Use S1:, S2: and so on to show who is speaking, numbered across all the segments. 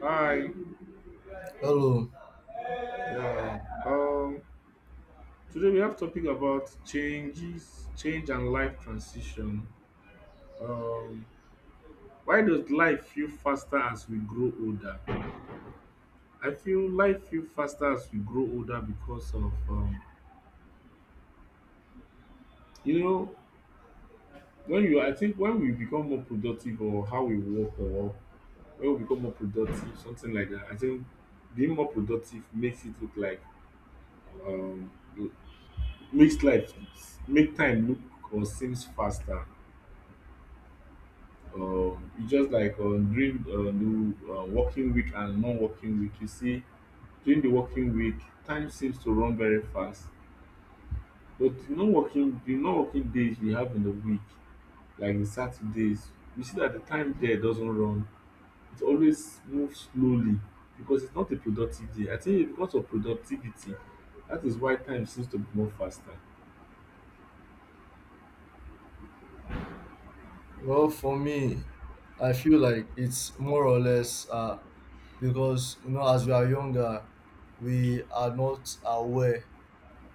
S1: Hi.
S2: Hello.
S1: Yeah. Um. Today we have topic about changes, change and life transition. Um. Why does life feel faster as we grow older? I feel life feel faster as we grow older because of. You know, when you, I think when we become more productive or how we work or when we become more productive, something like that. I think being more productive makes it look like um makes life make time look or seems faster, it's just like during the working week and non-working week. You see, during the working week, time seems to run very fast. But the non-working days we have in the week, like the Saturdays, we see that the time there doesn't run. It always moves slowly because it's not a productive day. I think it's because of productivity. That is why time seems to be more faster.
S2: Well, for me, I feel like it's more or less because you know, as we are younger, we are not aware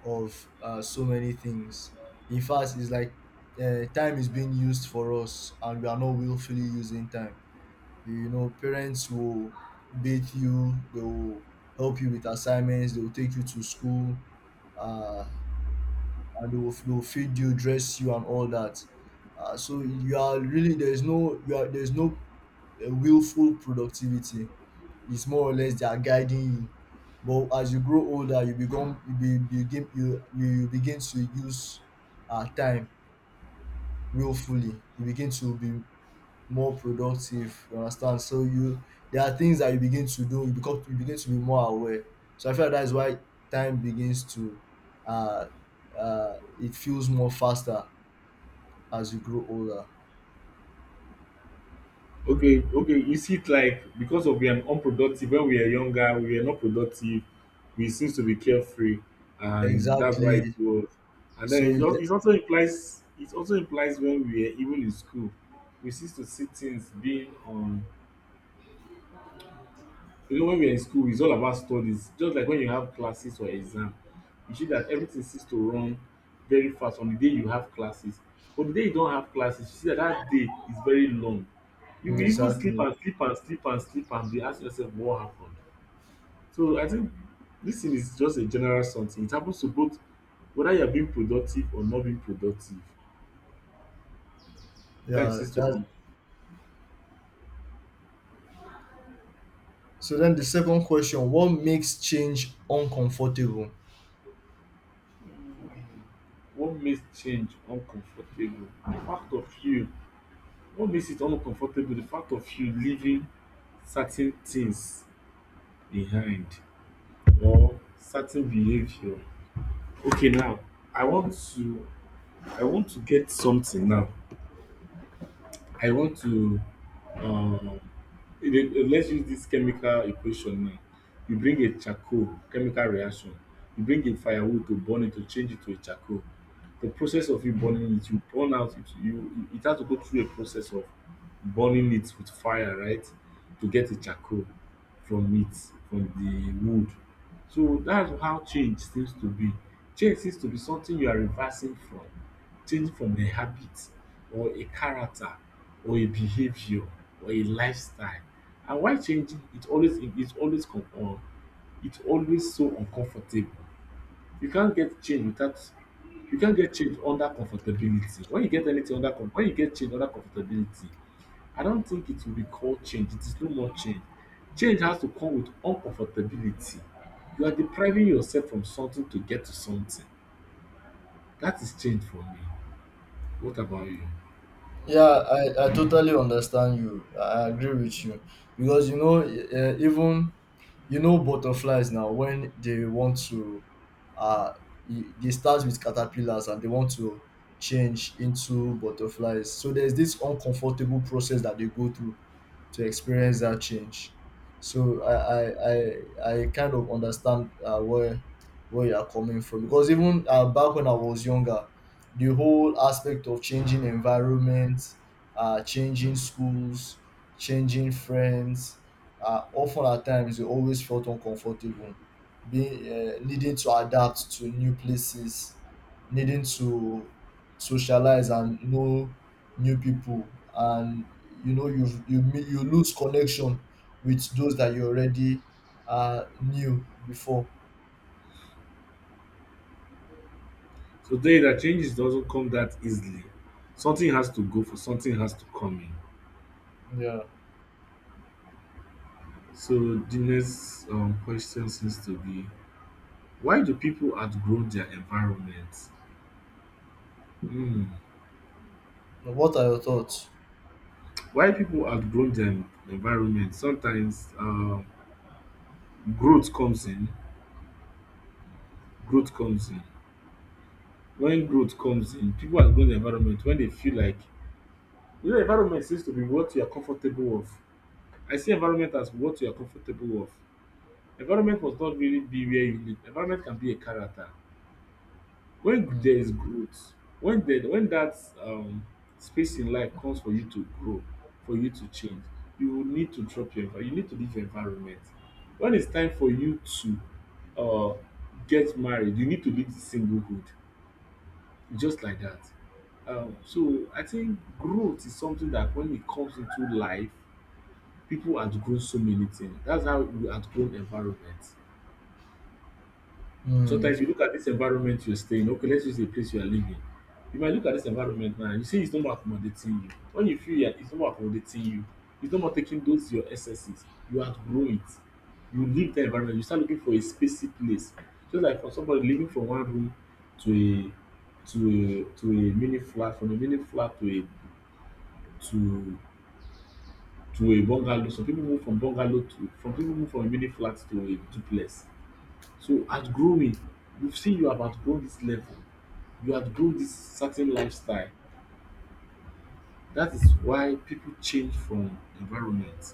S2: of so many things. In fact, it's like time is being used for us, and we are not willfully using time. You know, parents will beat you. They will help you with assignments. They will take you to school. Uh, and they will feed you, dress you, and all that. So you are really there's no you are there's no willful productivity. It's more or less they are guiding you. But as you grow older, you begin to use time willfully. You begin to be more productive. You understand? So you there are things that you begin to do. You begin to be more aware. So I feel like that's why time begins to uh, it feels more faster as you grow older.
S1: Okay, okay, you see it like because of we are unproductive when we are younger, we were not productive, we seems to be carefree, and that's why it
S2: Exactly.
S1: was. And then
S2: So
S1: it just
S2: it-
S1: it also implies it also implies when we are even in school, we seems to see things being on. You know, when we are in school, it's all about studies. Just like when you have classes or exam, you see that everything seems to run very fast on the day you have classes. But the day you don't have classes, you see that that day is very long. You
S2: mm,
S1: will even sleep
S2: exactly.
S1: and sleep and sleep and sleep and be asking yourself what happened. So I think this thing is just a general something. It happens to both whether you are being productive or not being productive. Time
S2: Yeah,
S1: seems to run.
S2: that so then the second question, what makes change uncomfortable?
S1: What makes change uncomfortable? The fact of you what makes it uncomfortable the fact of you leaving certain things behind or certain behavior. Okay, now i want to I want to get something now. I want to um let's use this chemical equation now. You bring a charcoal chemical reaction, you bring a firewood to burn it to change it to a charcoal. The process of you burning it, you burn out it, you it has to go through a process of burning it with fire, right? To get a charcoal from it, from the wood. So that's how change seems to be. Change seems to be something you are reversing from. Change from a habit or a character or a behavior or a lifestyle, and while changing it always it is always it always so uncomfortable. You can't get change without, you can't get change under comfortability. When you get anything under com when you get change under comfortability, I don't think it will be called change. It is no more change. Change has to come with uncomfortability. You are depriving yourself from something to get to something. That is change for me. What about you?
S2: Yeah, I totally understand you. I agree with you because you know even you know butterflies now when they want to uh they start with caterpillars and they want to change into butterflies. So there's this uncomfortable process that they go through to experience that change. So I kind of understand where you are coming from because even back when I was younger, the whole aspect of changing environment, changing schools, changing friends, often at times you always felt uncomfortable, being needing to adapt to new places, needing to socialize and know new people, and you know you lose connection with those that you already knew before.
S1: Today, that changes doesn't come that easily. Something has to go for something has to come in.
S2: Yeah,
S1: So the next question seems to be, why do people outgrow their environment? Hmm.
S2: what are your thoughts?
S1: Why people outgrow their environment? Sometimes growth comes in. Growth comes in. When growth comes in, people outgrow the environment when they feel like, you know, environment seems to be what you are comfortable of. I see environment as what you are comfortable of. Environment must not really be where you live. Environment can be a character. When
S2: Mm.
S1: there is growth, when there when that um space in life comes for you to grow, for you to change, you will need to drop your you need to leave your environment. When it's time for you to uh get married, you need to leave the singlehood. Just like that. So I think growth is something that when it comes into life, people outgrow so many things. That's how we outgrow environment.
S2: Mm.
S1: Sometimes you look at dis environment you're staying, okay, let's use a place you are living. You might look at dis environment now and you see it's no more accommodating you. When you feel like it's no more accommodating you, it's no more taking those your excesses, you outgrow it. You leave dat environment, you start looking for a spacey place. Just like for somebody living from one room to a mini flat, from a mini flat to a to to a bungalow. Some pipu move from bungalow to some pipu move from a mini flat to a duplex. So outgrowing, you see you have outgrown dis level, you outgrow this certain lifestyle. That is why people change from environment.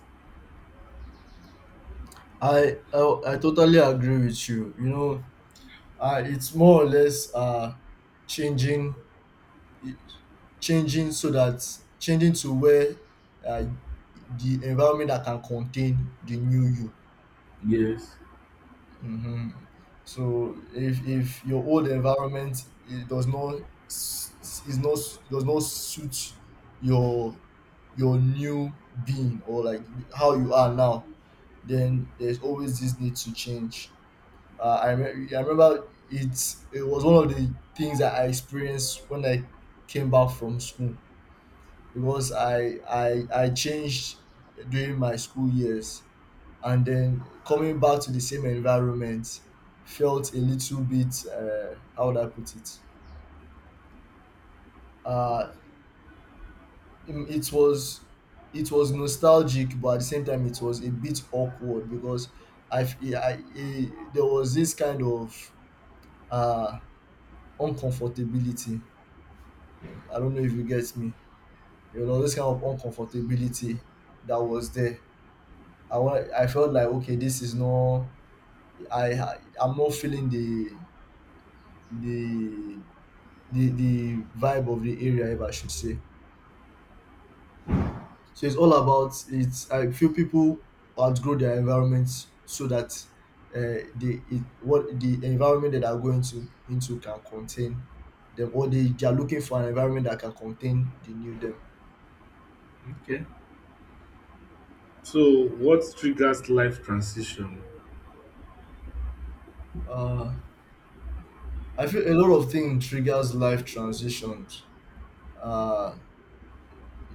S2: I totally agree with you, you know. It's more or less changing changing so that changing to where uh, the environment that can contain the new you.
S1: Yes.
S2: Hmm. So if your old environment it does not s- is not does not suit your new being, or like how you are now, then there's always this need to change. I remember it it was one of the things that I experienced when I came back from school, because I changed during my school years, and then coming back to the same environment felt a little bit how would I put it? Uh, it was it was nostalgic, but at the same time, it was a bit awkward because I, f- I, there was this kind of uh, uncomfortability. I don't know if you get me. You know, this kind of uncomfortability that was there. I felt like okay, this is not. I'm not feeling the the the vibe of the area, if I should say. So it's all about it's I feel people outgrow their environments so that what the environment that are going to into can contain them, or they are looking for an environment that can contain the new them.
S1: Okay. So, what triggers life transition?
S2: Uh, I feel a lot of things triggers life transitions. Uh,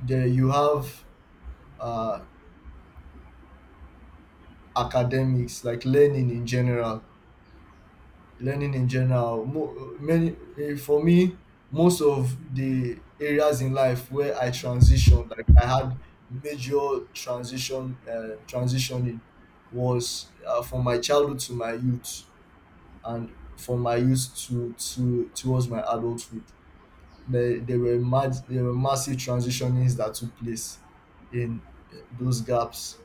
S2: there you have uh, academics, like learning in general. For me, most of the areas in life where I transitioned, like I had major transition, transitioning was from my childhood to my youth, and from my youth to towards my adulthood. There were massive transitionings that took place in those gaps.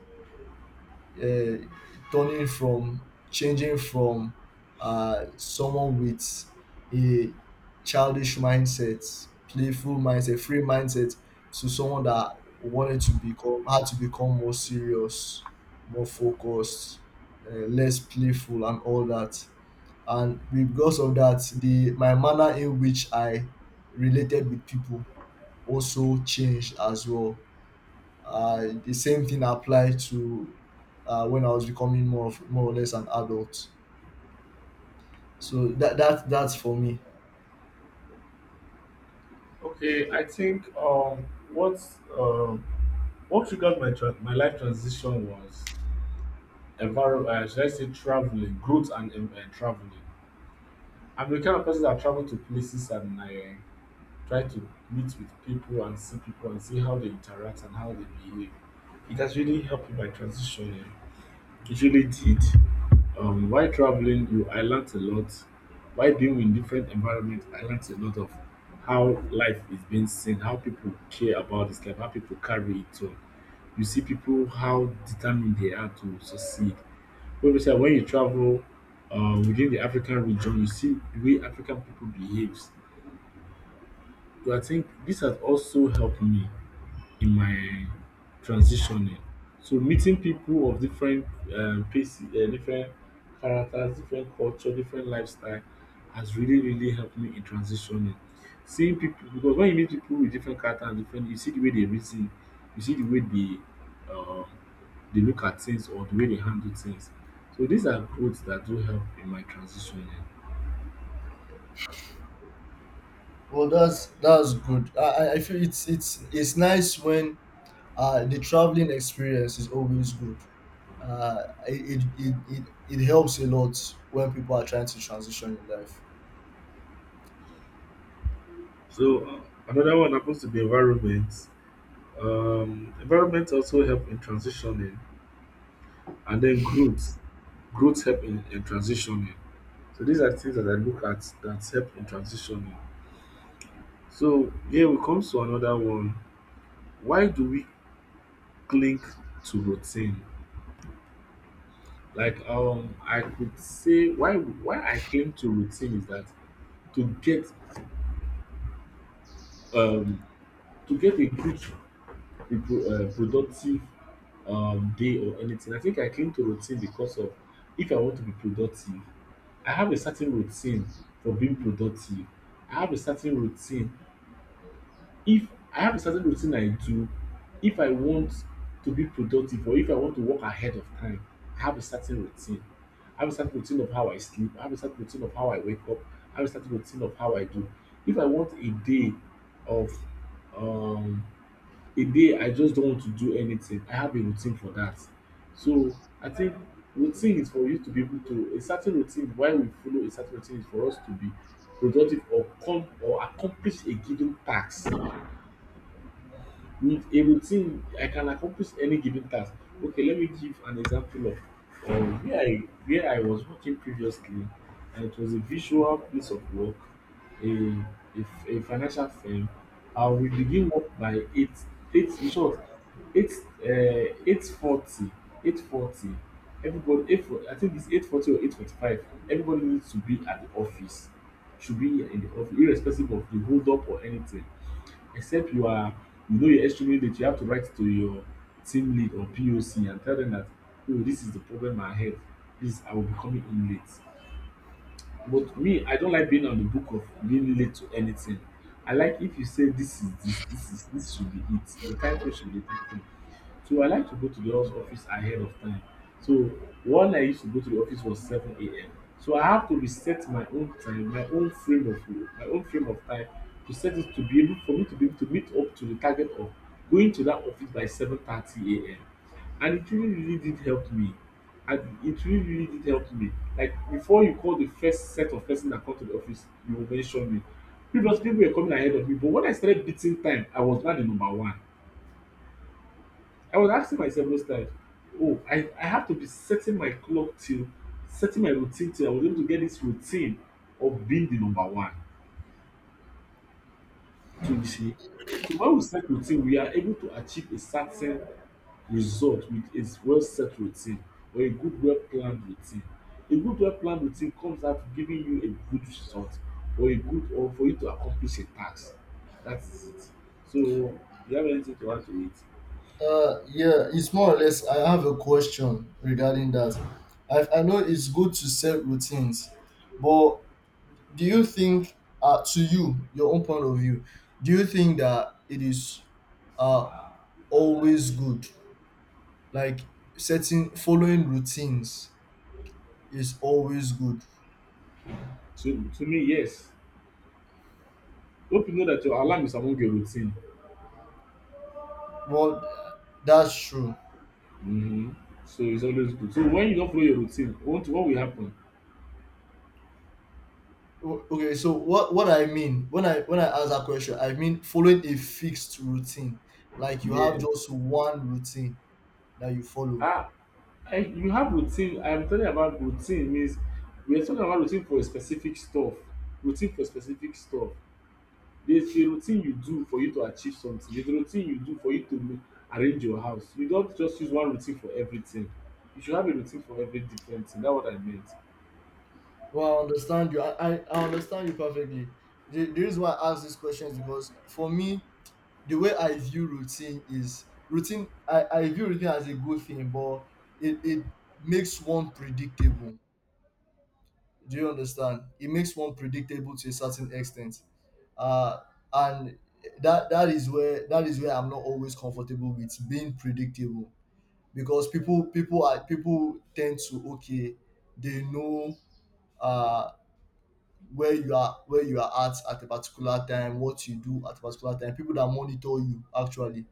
S2: Uh, turning from Changing from someone with a childish mindset, playful mindset, free mindset, to someone that wanted to become had to become more serious, more focused, less playful, and all that. And because of that, the my manner in which I related with people also changed as well. The same thing applied to when I was becoming more of, more or less, an adult. So that's for me.
S1: Okay, I think what um what triggered my my life transition was environment. Should I say traveling, growth, and traveling. I'm the kind of person that travel to places and I try to meet with people and see how they interact and how they behave. It has really helped with my transition. Yeah. Usually did. While traveling, you I learned a lot. While being in different environment, I learned a lot of how life is being seen, how people care about this life, how people carry it on. You see people how determined they are to succeed. Obviously, when you travel within the African region, you see the way African people behaves. So I think this has also helped me in my transitioning. So meeting people of different places, different characters, different culture, different lifestyle has really, really helped me in transitioning. Seeing people, because when you meet people with different character and different, you see the way they reason, you see the way um, they look at things or the way they handle things. So these are growths that do help in my transitioning.
S2: Well, that's good. I feel it's it's nice when the traveling experience is always good. It helps a lot when people are trying to transition in life.
S1: So another one happens to be environment. Environment also help in transitioning. And then growth help in transitioning. So these are things that I look at that help in transitioning. So here we come to another one. Why do we cling to routine? Like I could say why I cling to routine is that to get um to get a good productive day or anything. I think I cling to routine because of, if I want to be productive, I have a certain routine for being productive. I have a certain routine. If I have a certain routine I do, if I want to be productive or if I want to work ahead of time, I have a certain routine. I have a certain routine of how I sleep. I have a certain routine of how I wake up. I have a certain routine of how I do. If I want a day of um, a day I just don't want to do anything, I have a routine for that. So I think routine is for you to be able to a certain routine, why we follow a certain routine, is for us to be productive or come or accomplish a given task. With a routine I can accomplish any given task. Okay, let me give an example of where I was working previously, and it was a visual place of work, a a financial firm. And we begin work by eight in short, eight, eight forty, eight forty everybody 8:40, I think it's 8:40 or 8:45, everybody needs to be at the office, should be in the office irrespective of the hold up or anything. Except you are, you know, you're extremely late, you have to write to your team lead or POC and tell them that, oh, this is the problem ahead. This I will be coming in late. But me, I don't like being on the book of being late to anything. I like if you say this is this should be it. The time frame should be the time frame. So I like to go to the office ahead of time. So one I used to go to the office was seven a.m. So I have to reset my own time, my own frame of time, to set it to be able for me to be able to meet up to the target of going to that office by 7:30 a.m. And it really really did help me. And it really really did help me. Like before you call the first set of person that come to the office, you will mention me. Previously people were coming ahead of me but when I started beating time, I was now the number one. I was asking myself those times, oh, I have to be setting my clock till setting my routine till I was able to get this routine of being the number one. So you see, so when we set routine, we are able to achieve a certain result with a well set routine or a good well planned routine. A good well planned routine comes out giving you a good result or a good or for you to accomplish a task. That is it. So do you have anything to add to it?
S2: Yeah, it's more or less. I have a question regarding that. I know it's good to set routines, but do you think to you your own point of view, do you think that it is uh, always good, like setting following routines is always good?
S1: To me, yes. Hope you know that your alarm is among your routine.
S2: Well, that's true.
S1: Mm-hmm. So it's always good. So when you don't follow your routine, what will happen?
S2: Okay, so what I mean when I ask that question, I mean following a fixed routine, like you have
S1: Yes.
S2: just one routine that you follow.
S1: Ah, I, you have routine. I'm talking about routine means we are talking about routine for a specific stuff. Routine for specific stuff. There's a routine you do for you to achieve something. There's a routine you do for you to arrange your house. You don't just use one routine for everything. You should have a routine for every different thing. That's what I meant.
S2: Well, I understand you. I understand you perfectly. The reason why I ask this question is because, for me, the way I view routine is routine. I view routine as a good thing, but it makes one predictable. Do you understand? It makes one predictable to a certain extent, uh, and that is where I'm not always comfortable with being predictable, because people tend to, okay, they know uh where you are, at a particular time, what you do at a particular time, people that monitor you actually,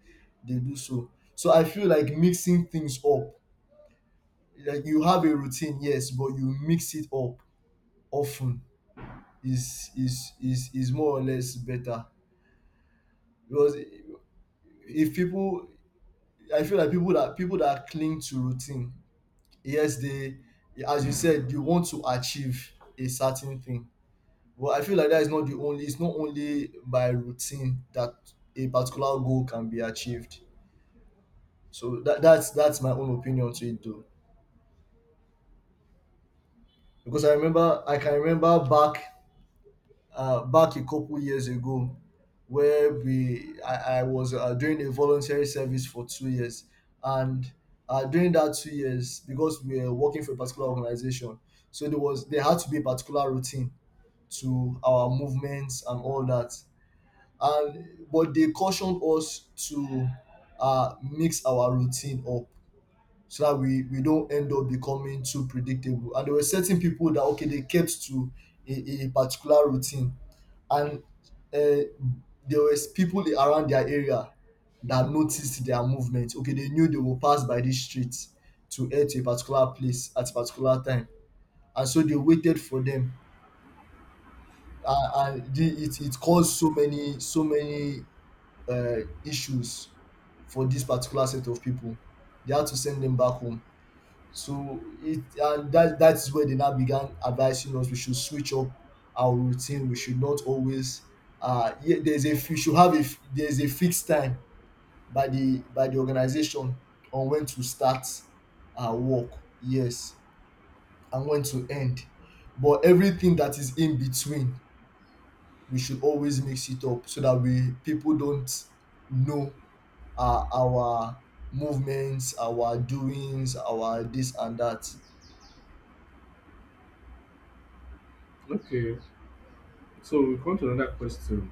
S2: they do. So so I feel like mixing things up, like you have a routine, yes, but you mix it up often, is more or less better. Because if people, I feel like people that cling to routine, yes, they, as you said, you want to achieve a certain thing. Well, I feel like that is not the only. It's not only by routine that a particular goal can be achieved. So that's my own opinion to it though, because I remember I can remember back back a couple years ago, where we I was doing a voluntary service for 2 years, and during that 2 years, because we were working for a particular organization, so there had to be a particular routine to our movements and all that. And but they cautioned us to mix our routine up so that we don't end up becoming too predictable. And there were certain people that okay, they kept to a particular routine, and uh, there was people around their area that noticed their movement. Okay, they knew they will pass by this street to head to a particular place at a particular time, and so they waited for them. It caused so many uh, issues for this particular set of people. They had to send them back home. So it and that that is where they now began advising us we should switch up our routine. We should not always yeah, there's a we should have a there's a fixed time by the organization on when to start our work. Yes, and when to end. But everything that is in between, we should always mix it up so that we people don't know our movements, our doings, our this and that.
S1: Okay. So we come to another question.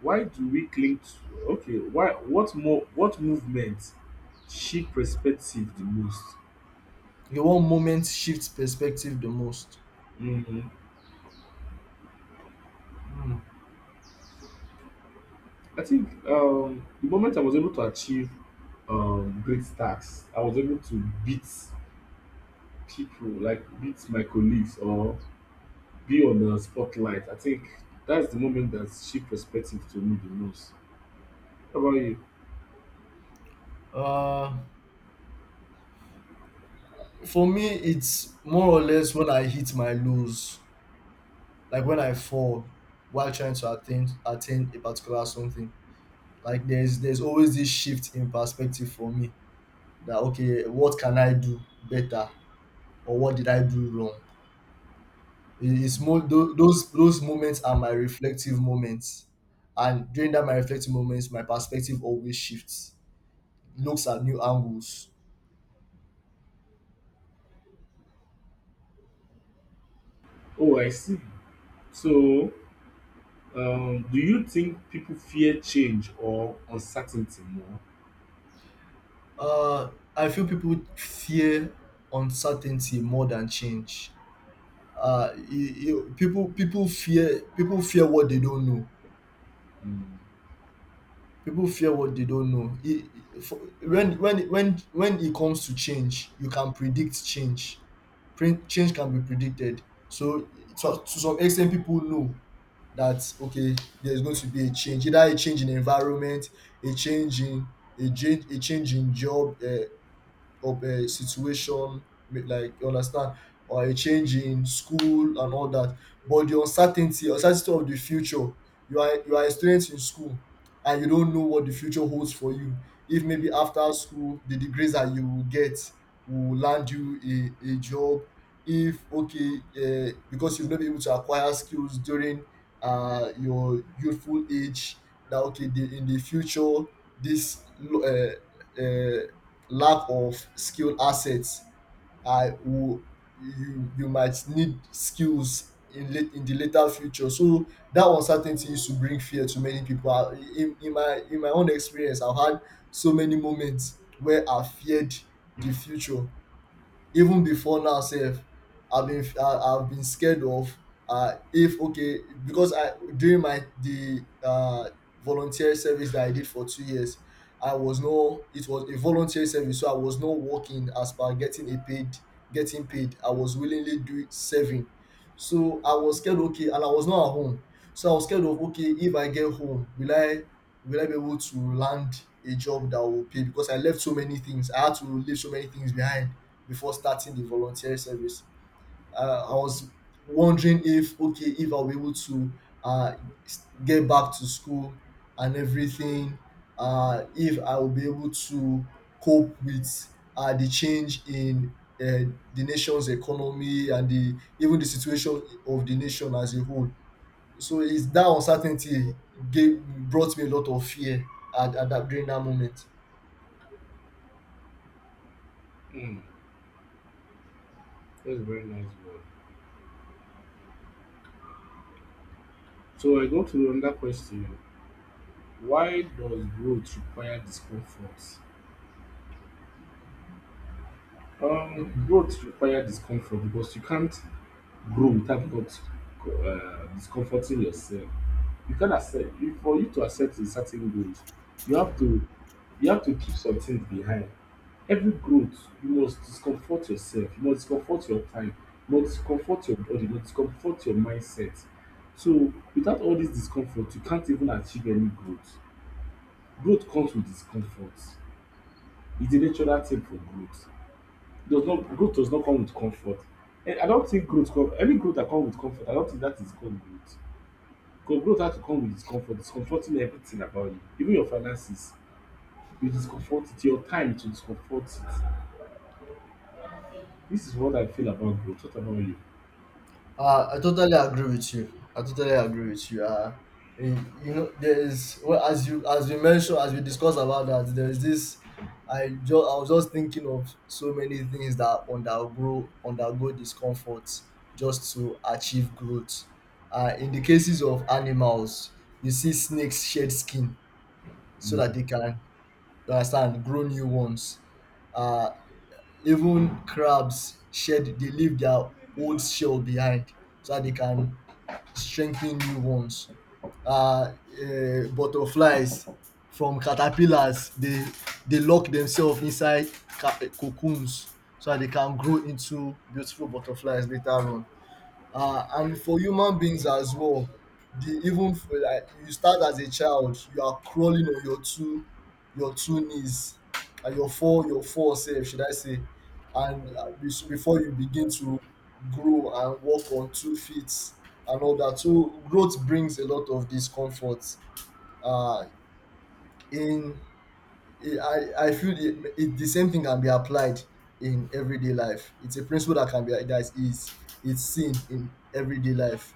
S1: Why do we cling to okay, why what more what movement shape perspective the most?
S2: The one moment shifts perspective the most.
S1: Hmm.
S2: Hmm.
S1: I think the moment I was able to achieve great tasks, I was able to beat people, like beat my colleagues or be on the spotlight. I think that's the moment that shape perspective to me the most. How about you?
S2: Uh, for me, it's more or less when I hit my lows, like when I fall while trying to attain a particular something. Like there's always this shift in perspective for me, that okay, what can I do better, or what did I do wrong? It's more those those moments are my reflective moments, and during that my reflective moments my perspective always shifts, looks at new angles.
S1: Oh, I see. So, do you think people fear change or uncertainty more?
S2: uh I feel people fear uncertainty more than change. People fear what they don't know.
S1: Mm.
S2: People fear what they don't know. When it comes to change, you can predict change. Change can be predicted. So to some extent, people know that okay, there's going to be a change, either a change in environment, a change in a change in job, of a situation, like, you understand, or a change in school, and all that. But the uncertainty, uncertainty of the future, you are a student in school and you don't know what the future holds for you, if maybe after school the degrees that you will get will land you a job, if okay because you've not been able to acquire skills during your youthful age, that okay in the future this uh, uh, lack of skilled assets I, will, you you might need skills in late in the later future. So that uncertainty used to bring fear to many people. In my in my own experience, I've had so many moments where I feared the future even before now sef. I have been scared of if okay because I during my the volunteer service that I did for 2 years. I was no It was a volunteer service, so I was not working as per getting a paid, getting paid. I was willingly do serving. So I was scared, okay, and I was not at home. So I was scared of, okay, if I get home, will I be able to land a job that will pay? Because I left so many things. I had to leave so many things behind before starting the volunteer service. I was wondering if, okay, if I'll be able to uh, get back to school and everything. If I will be able to cope with the change in the nation's economy and the even the situation of the nation as a whole. So it's that uncertainty brought me a lot of fear at that during that moment.
S1: Mm. That's a very nice one. So I go to another question. Why does growth require discomfort? Growth require discomfort because you can't grow without not discomforting yourself. You can accept you, for you to accept a certain growth, you have to you have to keep some things behind. Every growth, you must discomfort yourself, you must discomfort your time, you must discomfort your body, you must discomfort your mindset. So without all this discomfort, you can't even achieve any growth. Growth comes with discomfort. It's a natural thing for growth. Does not growth does not come with comfort. And I don't think growth come any growth that comes with comfort, I don't think that is called growth. Because growth has to come with discomfort, discomforting everything about you. Even your finances, you discomfort it, your time to discomfort it. This is what I feel about growth. What about you?
S2: I totally agree with you. I totally agree with you. You know, there is, well, as we mentioned, as we discussed about that. There is this. I just, I was just thinking of so many things that undergo discomfort just to achieve growth. In the cases of animals, you see snakes shed skin so that they can, you understand, grow new ones. Uh, Even crabs shed, they leave their old shell behind so that they can strengthening new ones. Uh, Butterflies from caterpillars, they lock themselves inside cocoons so that they can grow into beautiful butterflies later on. And for human beings as well, the even for like, you start as a child, you are crawling on your two knees and your four self, should I say. So before you begin to grow and walk on 2 feet and all that. So growth brings a lot of discomfort. Uh in I feel the same thing can be applied in everyday life. It's a principle that can be that is, it's seen in everyday life.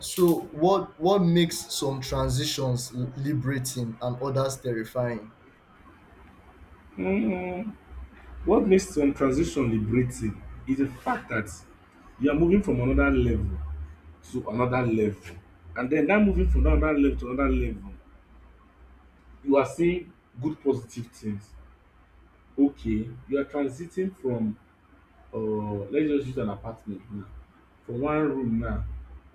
S2: So what makes some transitions liberating and others terrifying?
S1: Mm, what makes some transition liberating is the fact that you are moving from another level to another level. And then that moving from another level to another level you are seeing good positive things, okay, you are transiting from uh, let's just use an apartment now, from one room now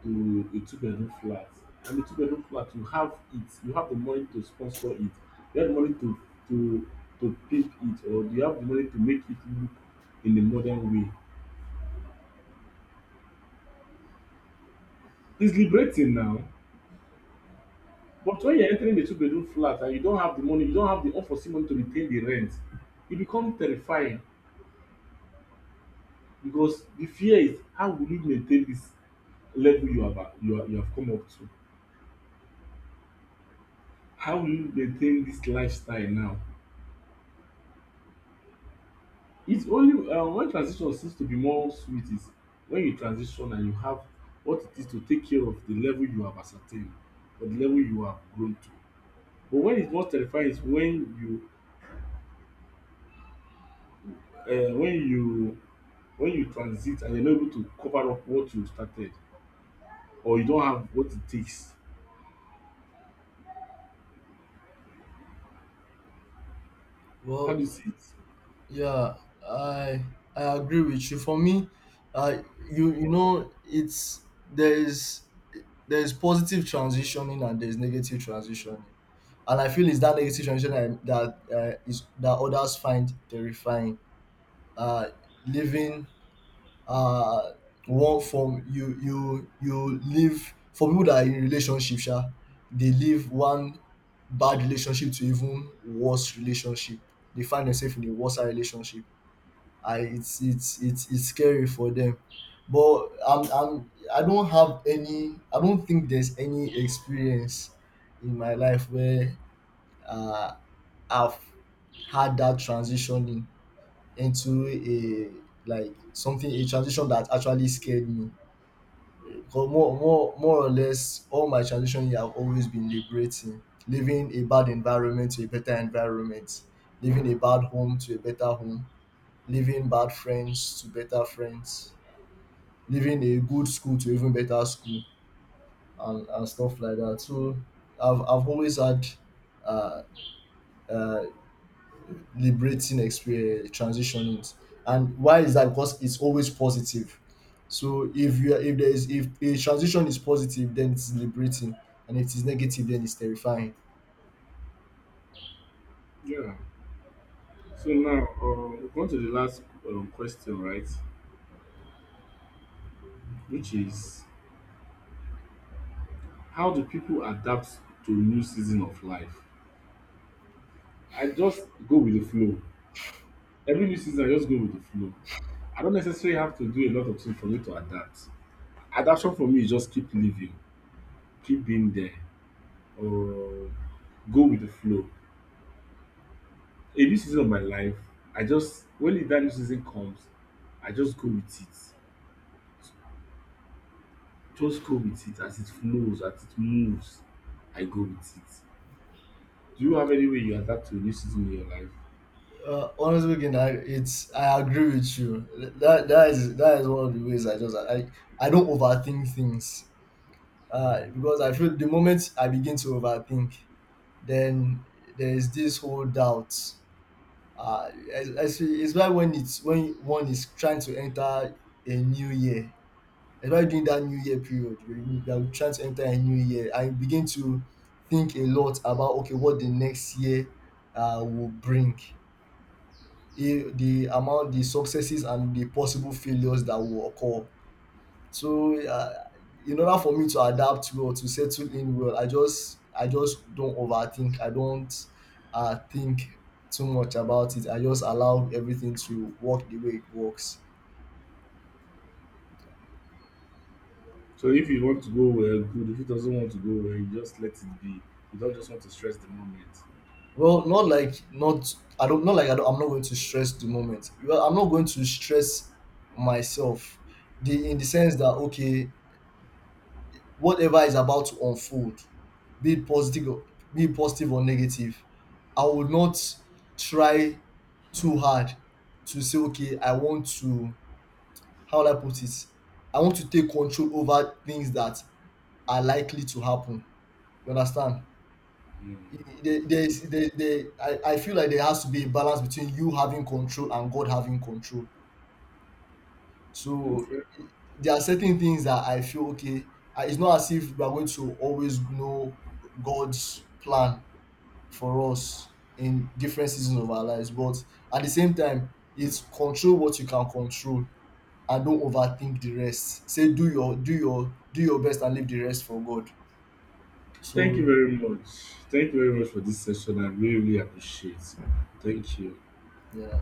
S1: to a two-bedroom flat, and the two-bedroom flat you have it, you have the money to sponsor it, you have the money to to pimp it, or you have the money to make it look in a modern way. It's liberating now. But when you're entering a two-bedroom flat and you don't have the money, you don't have the unforeseen money to retain the rent, e become terrifying. Because the fear is how will you maintain this level you have you have come up to? How will you maintain this lifestyle now? It's only when transition seems to be more sweet is when you transition and you have what it is to take care of the level you have ascertained or the level you have grown to. But when it's most terrifying is when you um when you when you transit and you're not able to cover up what you started or you don't have what it takes. How do
S2: Well,
S1: you see it?
S2: yeah, I agree with you. For me, uh, you you know, it's, there is, there is positive transitioning and there is negative transitioning, and I feel it's that negative transition that is that others find terrifying. Uh, Living uh one form, you live, for people that are in relationship sha, they leave one bad relationship to even worse relationship. They find themselves in a worse relationship. I it's scary for them, but I don't have any, I don't think there's any experience in my life where uh, I've had that transitioning into a, like something, a transition that actually scared me. Because more or less all my transition year have always been liberating: leaving a bad environment to a better environment, leaving a bad home to a better home, leaving bad friends to better friends, leaving a good school to even better school, and stuff like that. So I've always had uh, uh liberating experience transitioning. And why is that? Because it's always positive. So if you are, if there is, if a transition is positive then it's liberating, and if it's negative then it's terrifying.
S1: Yeah. So now we come to the last question, right, which is how do people adapt to new season of life? I just go with the flow. Every new season I just go with the flow. I don't necessarily have to do a lot of things for me to adapt. Adaptation for me is just keep living, keep being there or go with the flow. A new season of my life, I just when that new season comes I just go with it. Just go with it as it flows as it moves I go with it. Do you have any way you adapt to a new season in your life?
S2: Honestly speaking, it's, I agree with you that that is one of the ways. I just I don't overthink things, because I feel the moment I begin to overthink, then there is this whole doubt. Especially when it's, when one is trying to enter a new year. Especially during that new year period, you are trying to enter a new year and you begin to think a lot about, okay, what the next year will bring. The amount, the successes and the possible failures that will occur. So in order for me to adapt well, to settle in well, I just, I just don't overthink. I don't think too much about it. I just allow everything to work the way it works.
S1: So if you want to go well, good. If it doesn't want to go well, you just let it be. You don't just want to stress the moment.
S2: Well, not like, not, I don't not like I don't, I'm not going to stress the moment. Well, I'm not going to stress myself. The In the sense that, okay, whatever is about to unfold, be it positive or be it positive or negative, I would not try too hard to say, okay, I want to, how will I put it? I want to take control over things that are likely to happen. You understand? There is, there, I feel like there has to be a balance between you having control and God having control. So
S1: Okay.
S2: i- there are certain things that I feel, okay, it's not as if we are going to always know God's plan for us in different seasons of our lives. But at the same time, it's control what you can control and don't overthink the rest. Say do your do your best and leave the rest for God.
S1: Thank you
S2: So
S1: very much. Thank you very much for this session. I really, really appreciate. Thank you.
S2: yeah.